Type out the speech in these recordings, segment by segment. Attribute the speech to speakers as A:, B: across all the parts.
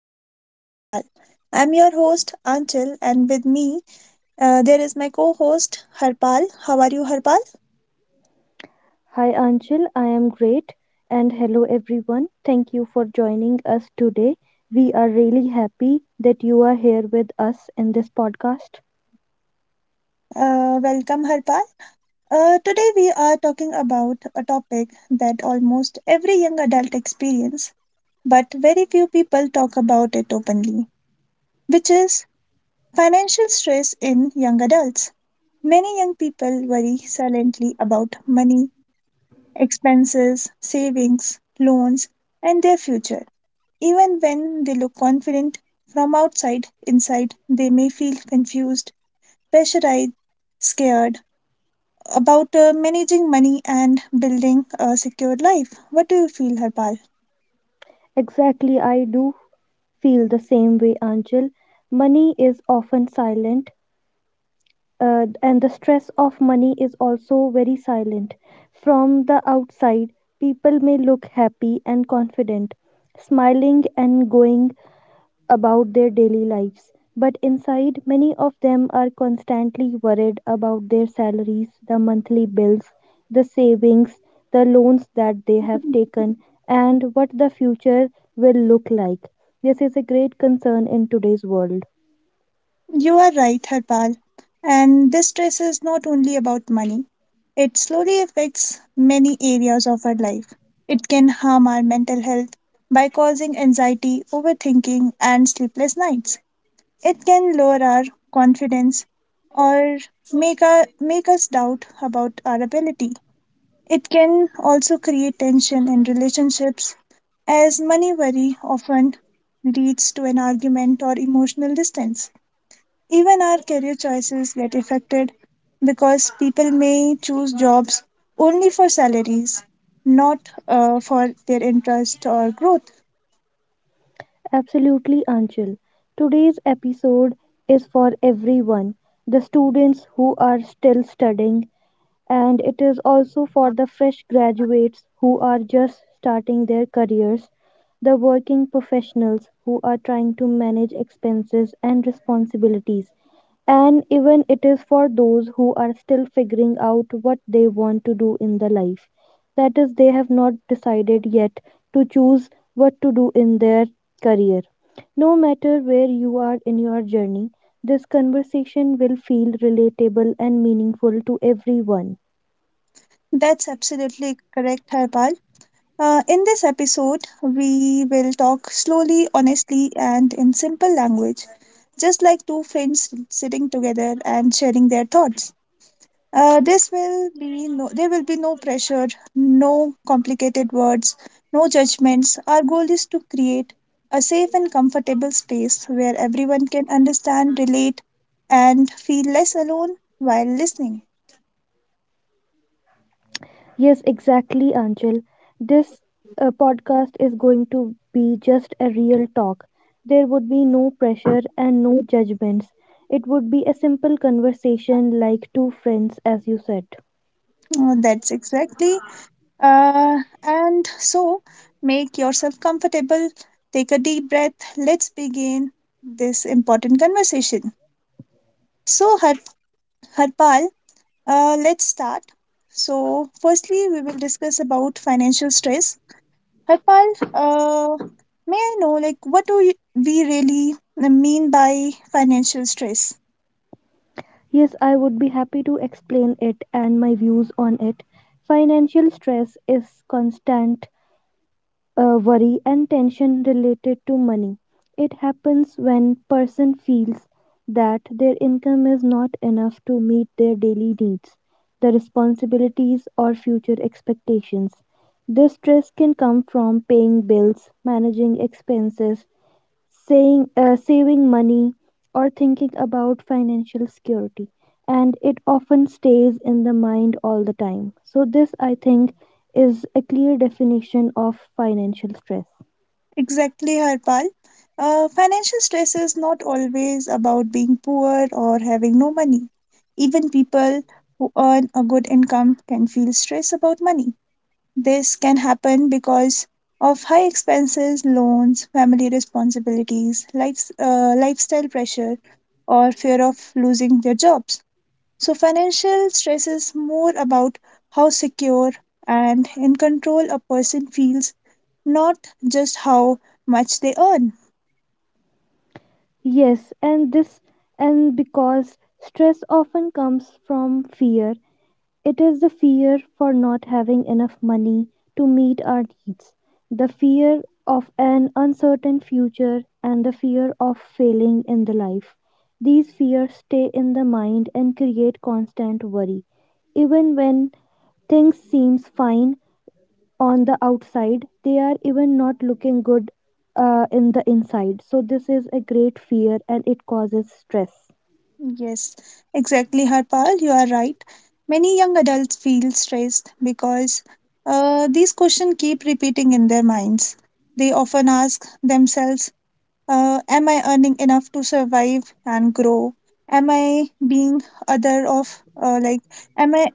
A: Anchal and Harpal. I'm your host Anchal, and with me there is my co-host Harpal. How are you, Harpal?
B: Hi Anchal, I am great and hello everyone. Thank you for joining us today. We are really happy that you are here with us in this podcast.
A: Welcome, Harpal. Today we are talking about a topic that almost every young adult experience, but very few people talk about it openly, which is financial stress in young adults. Many young people worry silently about money expenses, savings, loans, and their future. Even when they look confident from outside, inside they may feel confused, pressurized, scared about managing money and building a secure life. What do you feel, Harpal?
B: Exactly, I do feel the same way, Anchal. Money is often silent, and the stress of money is also very silent. From the outside, people may look happy and confident, smiling and going about their daily lives, but inside, many of them are constantly worried about their salaries, the monthly bills, the savings, the loans that they have taken, and what the future will look like. This is a great concern in today's world.
A: You are right, Harpal. And this stress is not only about money, it slowly affects many areas of our life. It can harm our mental health by causing anxiety, overthinking, and sleepless nights. It can lower our confidence or make us doubt about our ability. It can also create tension in relationships, as money worry often leads to an argument or emotional distance. Even our career choices get affected because people may choose jobs only for salaries, not for their interest or growth.
B: Absolutely, Anchal. Today's episode is for everyone, the students who are still studying, and it is also for the fresh graduates who are just starting their careers, the working professionals who are trying to manage expenses and responsibilities, and even it is for those who are still figuring out what they want to do in the life. That is, they have not decided yet to choose what to do in their career. No matter where you are in your journey, this conversation will feel relatable and meaningful to everyone.
A: That's absolutely correct, Harpal. In this episode, we will talk slowly, honestly, and in simple language, just like two friends sitting together and sharing their thoughts. This will be no, There will be no pressure, no complicated words, no judgments. Our goal is to create a safe and comfortable space where everyone can understand, relate, and feel less alone while listening.
B: Yes, exactly, Anjal. This podcast is going to be just a real talk. There would be no pressure and no judgments. It would be a simple conversation like two friends, as you said.
A: That's exactly. Uh, and so, make yourself comfortable, take a deep breath, let's begin this important conversation. So, Harpal, let's start. So, firstly, we will discuss about financial stress. Harpal, may I know, like, we really mean by financial stress?
B: Yes, I would be happy to explain it and my views on it. Financial stress is constant worry and tension related to money. It happens when person feels that their income is not enough to meet their daily needs, the responsibilities or future expectations. This stress can come from paying bills, managing expenses, saying saving money, or thinking about financial security, and it often stays in the mind all the time. So this, I think, is a clear definition of financial stress.
A: Exactly, Harpal. Financial stress is not always about being poor or having no money. Even people who earn a good income can feel stress about money. This can happen because of high expenses, loans, family responsibilities, lifestyle pressure, or fear of losing their jobs. So, financial stress is more about how secure and in control a person feels, not just how much they earn.
B: Yes, and this and because stress often comes from fear. It is the fear for not having enough money to meet our needs, the fear of an uncertain future, and the fear of failing in the life. These fears stay in the mind and create constant worry. Even when things seems fine on the outside, they are even not looking good in the inside. So this is a great fear and it causes stress.
A: Yes, exactly, Harpal. You are right. Many young adults feel stressed because these questions keep repeating in their minds. They often ask themselves, am I earning enough to survive and grow? Am I being other of, like, am I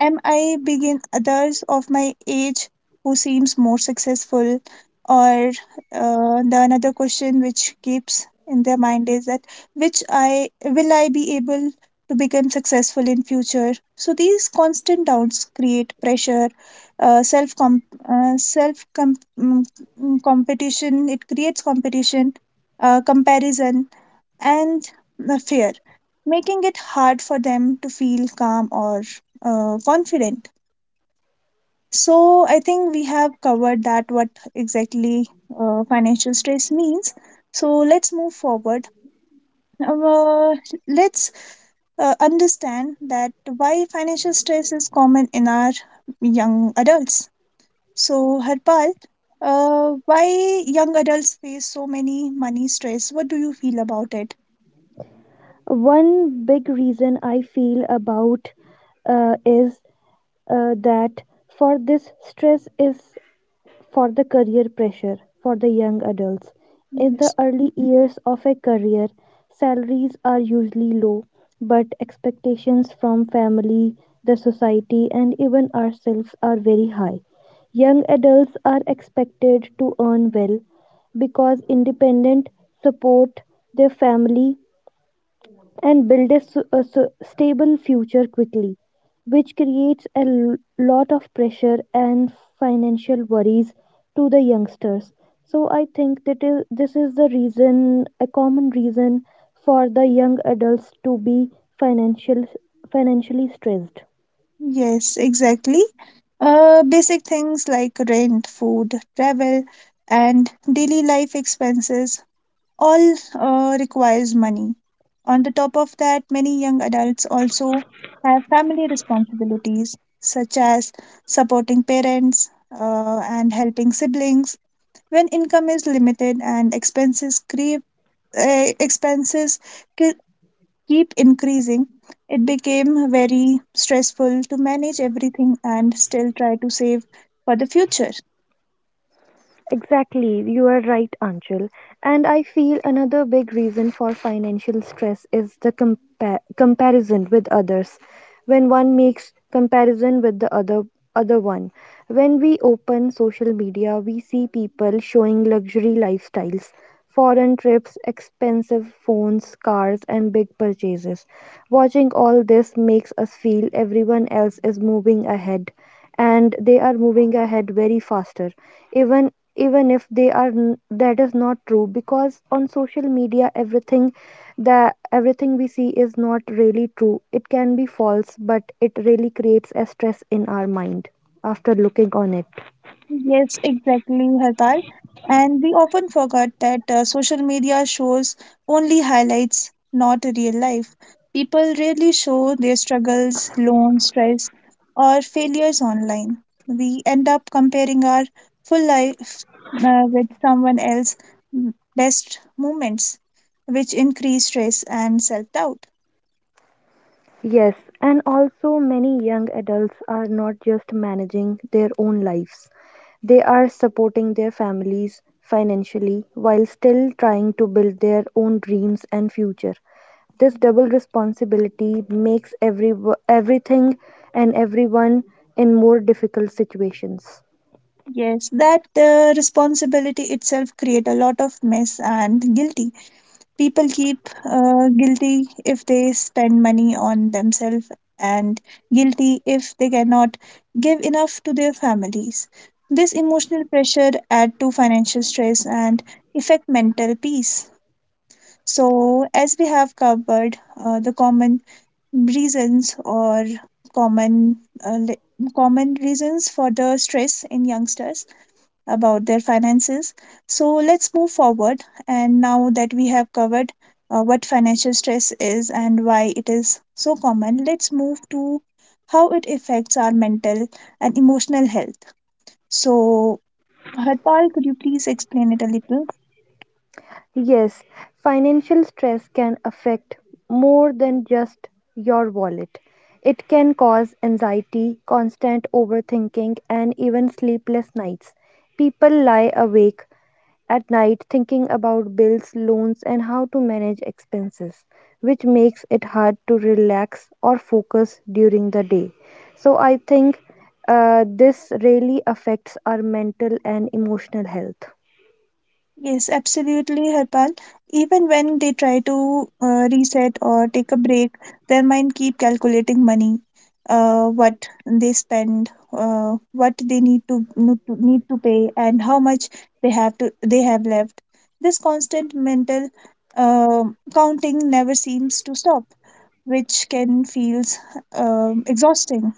A: Am I begin others of my age who seems more successful? Or the another question which keeps in their mind is that which I will I be able to become successful in future? So these constant doubts create pressure, self comp self com- mm, mm, competition. It creates competition, comparison, and fear, making it hard for them to feel calm or confident. So, I think we have covered that what exactly financial stress means. So, let's move forward. Uh, let's Understand that why financial stress is common in our young adults. So, Harpal, why young adults face so many money stress? What do you feel about it?
B: One big reason I feel about is that for this stress is for the career pressure for the young adults. In the
A: Yes.
B: early years of a career, salaries are usually low, but expectations from family, the society, and even ourselves are very high. Young adults are expected to earn well because independent support their family and build a stable future quickly, which creates a lot of pressure and financial worries to the youngsters. So I think this is the reason, a common reason for the young adults to be financial, financially stressed.
A: Yes, exactly. Basic things like rent, food, travel, and daily life expenses all requires money. On the top of that, many young adults also have family responsibilities such as supporting parents and helping siblings. When income is limited and expenses keep increasing, it became very stressful to manage everything and still try to save for the future.
B: Exactly, you are right, Anchal. And I feel another big reason for financial stress is the comparison with others. When one makes comparison with the other one, when we open social media, we see people showing luxury lifestyles, foreign trips, expensive phones, cars, and big purchases. Watching all this makes us feel everyone else is moving ahead and they are moving ahead very faster, even if that is not true, because on social media everything we see is not really true, it can be false, but it really creates a stress in our mind after looking on it.
A: Yes, exactly, Harpal. And we often forget that social media shows only highlights, not real life. People rarely show their struggles, loans, stress, or failures online. We end up comparing our full life with someone else's best moments, which increase stress and self doubt.
B: Yes, and also many young adults are not just managing their own lives, they are supporting their families financially while still trying to build their own dreams and future. This double responsibility makes everything and everyone in more difficult situations.
A: Yes, that responsibility itself create a lot of mess and guilty. People keep guilty if they spend money on themselves and guilty if they cannot give enough to their families. This emotional pressure add to financial stress and affect mental peace. So, as we have covered the common reasons or common uh, li- common reasons for the stress in youngsters, about their finances. So let's move forward. And now that we have covered what financial stress is and why it is so common, let's move to how it affects our mental and emotional health. So, Harpal, could you please explain it a little?
B: Yes, financial stress can affect more than just your wallet. It can cause anxiety, constant overthinking, and even sleepless nights. People lie awake at night thinking about bills, loans, and how to manage expenses, which makes it hard to relax or focus during the day. So, I think this really affects our mental and emotional health.
A: Yes, absolutely, Harpal. Even when they try to reset or take a break, their mind keep calculating money, what they spend, what they need to no- to- need to pay, and how much they have left. This constant mental uh, counting never seems to stop, which can feels exhausting.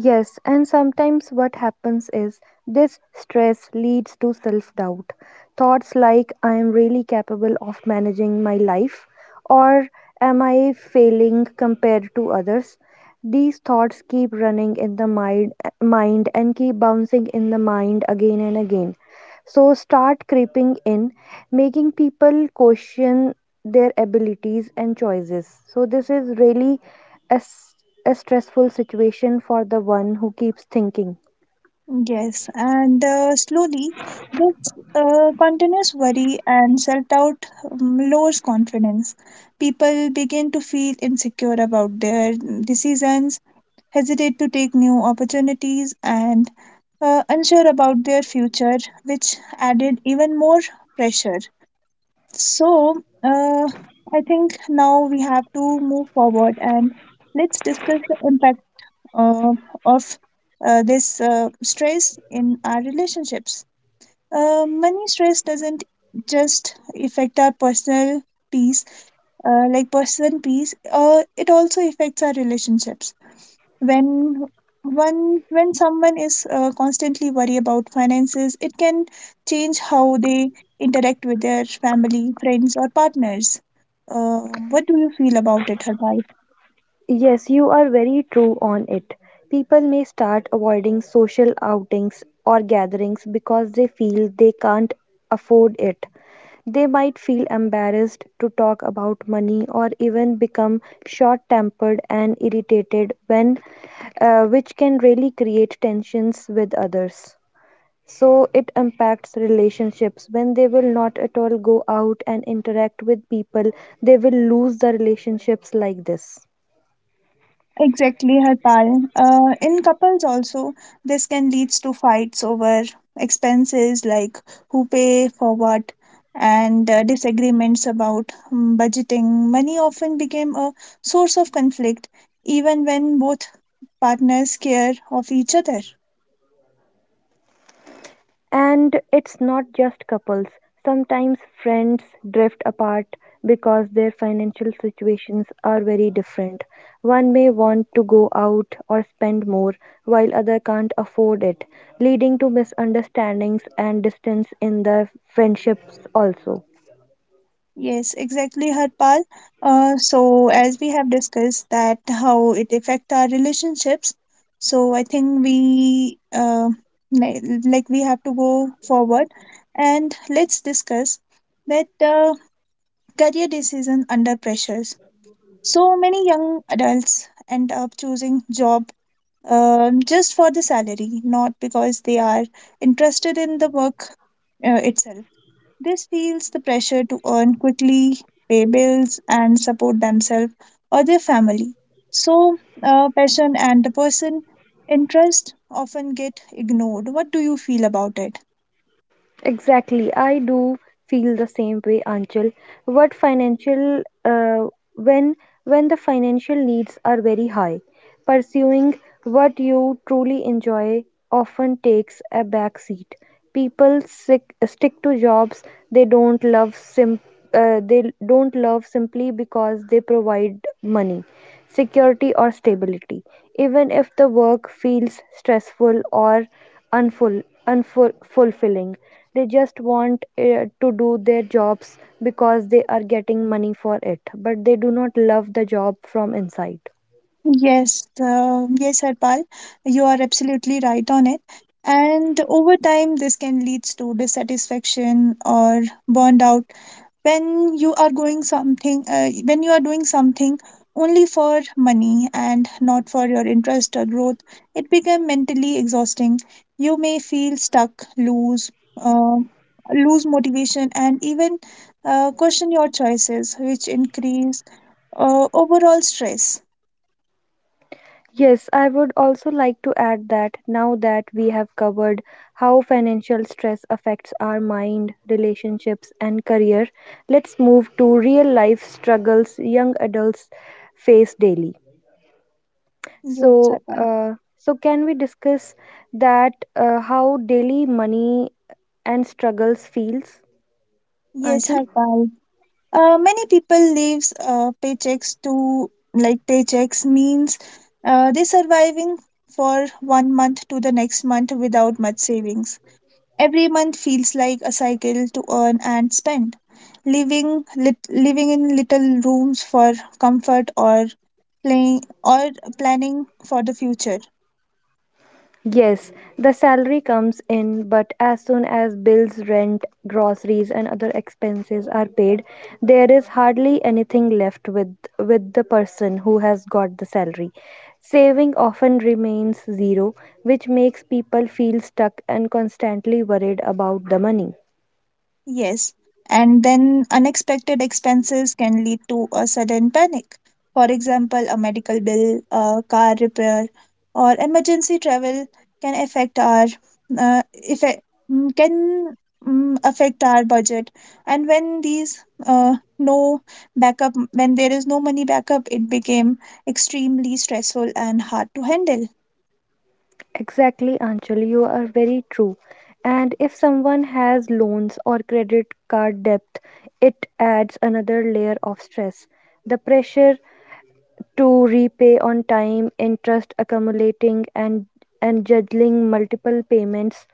B: Yes, and sometimes what happens is this stress leads to self doubt. Thoughts like, I am really capable of managing my life, or am I failing compared to others? These thoughts keep running in the mind and keep bouncing in the mind again and again, so start creeping in, making people question their abilities and choices. So, this is really a, s- a stressful situation for the one who keeps thinking.
A: Yes, and slowly, this continuous worry and self doubt lowers confidence. People begin to feel insecure about their decisions, hesitate to take new opportunities, and unsure about their future, which added even more pressure. So, I think now we have to move forward and let's discuss the impact uh, of this stress in our relationships. Money stress doesn't just affect our personal peace, it also affects our relationships. When when someone is constantly worried about finances, it can change how they interact with their family, friends, or partners. Uh, what do you feel about it, Harpal?
B: Yes, you are very true on it. People may start avoiding social outings or gatherings because they feel they can't afford it. They might feel embarrassed to talk about money or even become short tempered and irritated when, which can really create tensions with others. So it impacts relationships. When they will not at all go out and interact with people, they will lose the relationships like this.
A: Exactly, Harpal. In couples also, this can leads to fights over expenses like who pay for what and disagreements about budgeting. Money often became a source of conflict even when both partners care of each other.
B: And it's not just couples. Sometimes friends drift apart because their financial situations are very different. One may want to go out or spend more while other can't afford it, leading to misunderstandings and distance in the friendships also.
A: Yes, exactly, Harpal. So as we have discussed that how it affect our relationships, so I think we li- like we have to go forward and let's discuss that career decision under pressures. So many young adults end up choosing job just for the salary, not because they are interested in the work itself. This feels the pressure to earn quickly, pay bills, and support themselves or their family. So, passion and the person interest often get ignored. What do you feel about it?
B: Exactly, I do feel the same way, Anchal. What financial when when the financial needs are very high, pursuing what you truly enjoy often takes a back seat. People stick to jobs they don't love sim, they don't love simply because they provide money, security or stability, even if the work feels stressful or unful- unfulfilling. They just want to do their jobs because they are getting money for it, but they do not love the job from inside.
A: Yes, yes, Harpal, you are absolutely right on it. And over time, this can lead to dissatisfaction or burned out when you are doing something only for money and not for your interest or growth it become mentally exhausting you may feel stuck lose uh, lose motivation and even question your choices which increase overall stress
B: Yes, I would also like to add that now that we have covered how financial stress affects our mind, relationships, and career, let's move to real life struggles young adults face daily.
A: yes
B: So,
A: Harpal.
B: uh, so can we discuss that how daily money and struggles feels,
A: Yes
B: Anchal?
A: Harpal. Many people lives paychecks to like paychecks means they surviving for one month to the next month without much savings every month feels like a cycle to earn and spend living living in little rooms for comfort or playing or planning for the future.
B: Yes, the salary comes in, but as soon as bills, rent, groceries, and other expenses are paid, there is hardly anything left with the person who has got the salary. Saving often remains zero, which makes people feel stuck and constantly worried about the money.
A: Yes, and then unexpected expenses can lead to a sudden panic. For example, a medical bill, a car repair, or emergency travel can affect our effect, mm, can mm, affect our budget. And when these no backup, when there is no money backup, it became extremely stressful and hard to handle.
B: Exactly, Anchal, you are very true. And if someone has loans or credit card debt, it adds another layer of stress. The pressure to repay on time, interest accumulating, and juggling multiple payments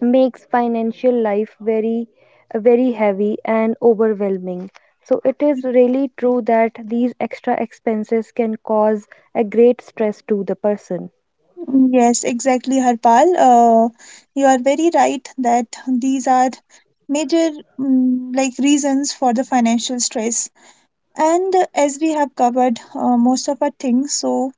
B: makes financial life very, very heavy and overwhelming. So, it is really true that these extra expenses can cause a great stress to the person.
A: Yes, exactly, Harpal. You are very right that these are major reasons for the financial stress. And as we have covered most of our things, so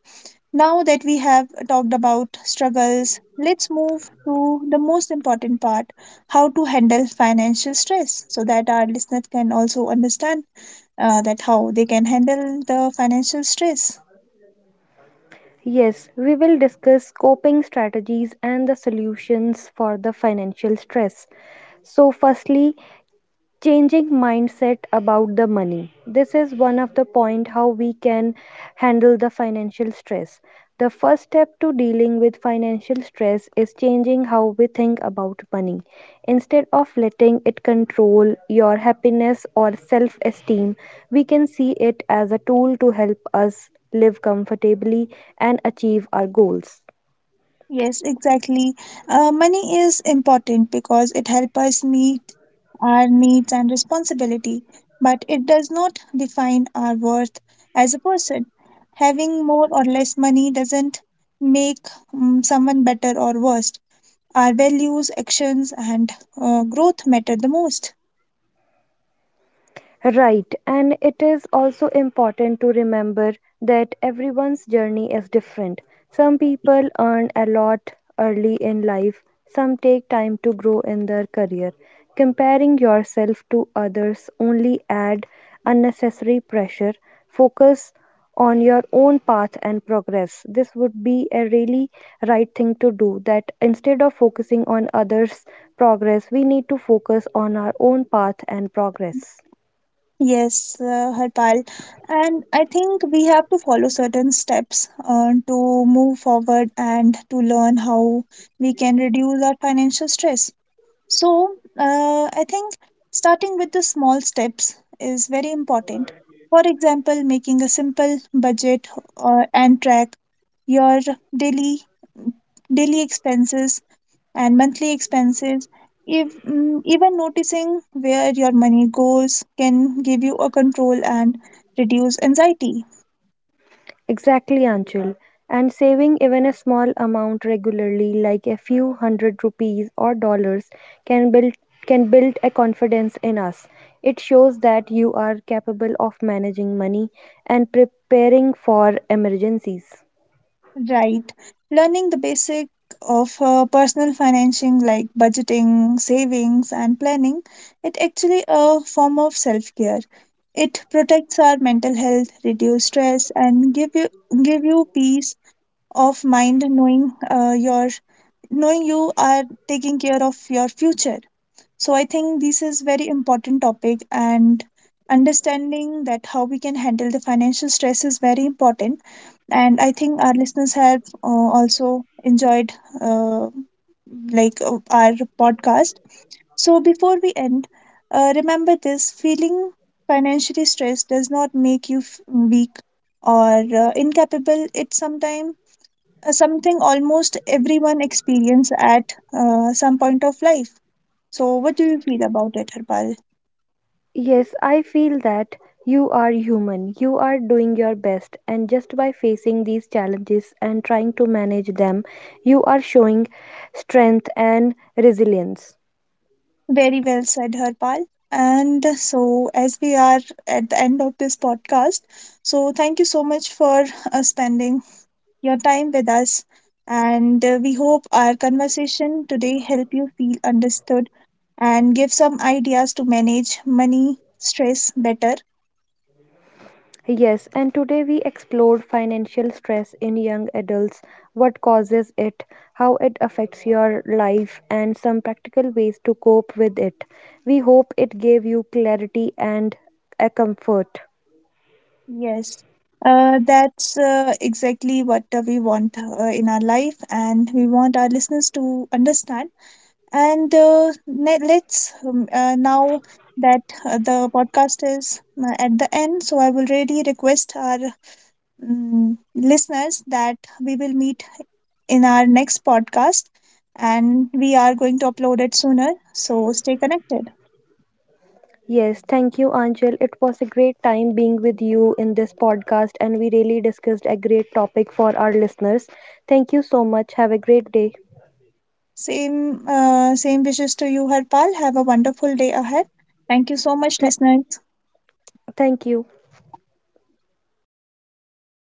A: now that we have talked about struggles, let's move to the most important part, how to handle financial stress, so that our listeners can also understand that how they can handle the financial stress.
B: Yes, we will discuss coping strategies and the solutions for the financial stress. So, firstly, changing mindset about the money, this is one of the point how we can handle the financial stress. The first step to dealing with financial stress is changing how we think about money. Instead of letting it control your happiness or self esteem, we can see it as a tool to help us live comfortably and achieve our goals.
A: Yes, exactly. Money is important because it helps us meet our needs and responsibility, but it does not define our worth as a person. Having more or less money doesn't make someone better or worse. Our values, actions, and growth matter the most.
B: Right, and it is also important to remember that everyone's journey is different. Some people earn a lot early in life, some take time to grow in their career. Comparing yourself to others only add unnecessary pressure. Focus on your own path and progress. This would be a really right thing to do, that instead of focusing on others' progress, we need to focus on our own path and progress.
A: Yes, Harpal. And I think we have to follow certain steps to move forward and to learn how we can reduce our financial stress. So, I think starting with the small steps is very important. For example, making a simple budget and track your daily daily expenses and monthly expenses. If, even noticing where your money goes can give you a control and reduce anxiety.
B: Exactly, Anchal. And saving even a small amount regularly, like a few hundred rupees or dollars, can build can build a confidence in us. It shows that you are capable of managing money and preparing for emergencies.
A: Right. Learning the basic of personal financing like budgeting, savings, and planning, it actually a form of self care. It protects our mental health, reduce stress, and give you peace of mind, knowing you are taking care of your future. So I think this is very important topic and understanding that how we can handle the financial stress is very important and I think our listeners have also enjoyed uh, our podcast. So before we end remember this feeling financially stressed does not make you weak or incapable. It's sometimes something almost everyone experience at some point of life. So, what do you feel about it, Harpal?
B: Yes, I feel that you are human. You are doing your best, and just by facing these challenges and trying to manage them, you are showing strength and resilience.
A: Very well said, Harpal. And so, as we are at the end of this podcast, so thank you so much for spending your time with us. And we hope our conversation today help you feel understood and give some ideas to manage money stress better.
B: Yes, and today we explored financial stress in young adults, what causes it, how it affects your life, and some practical ways to cope with it. We hope it gave you clarity and a comfort.
A: Yes, that's exactly what we want in our life, and we want our listeners to understand. And ne- let's now that the podcast is at the end, so I will really request our listeners that we will meet in our next podcast and we are going to upload it sooner. So stay connected.
B: Yes, thank you, Anjal. It was a great time being with you in this podcast, and we really discussed a great topic for our listeners. Thank you so much. Have a great day.
A: Same, same wishes to you, Harpal. Have a wonderful day ahead. Thank you so much,
B: Th-
A: listener.
B: Thank you.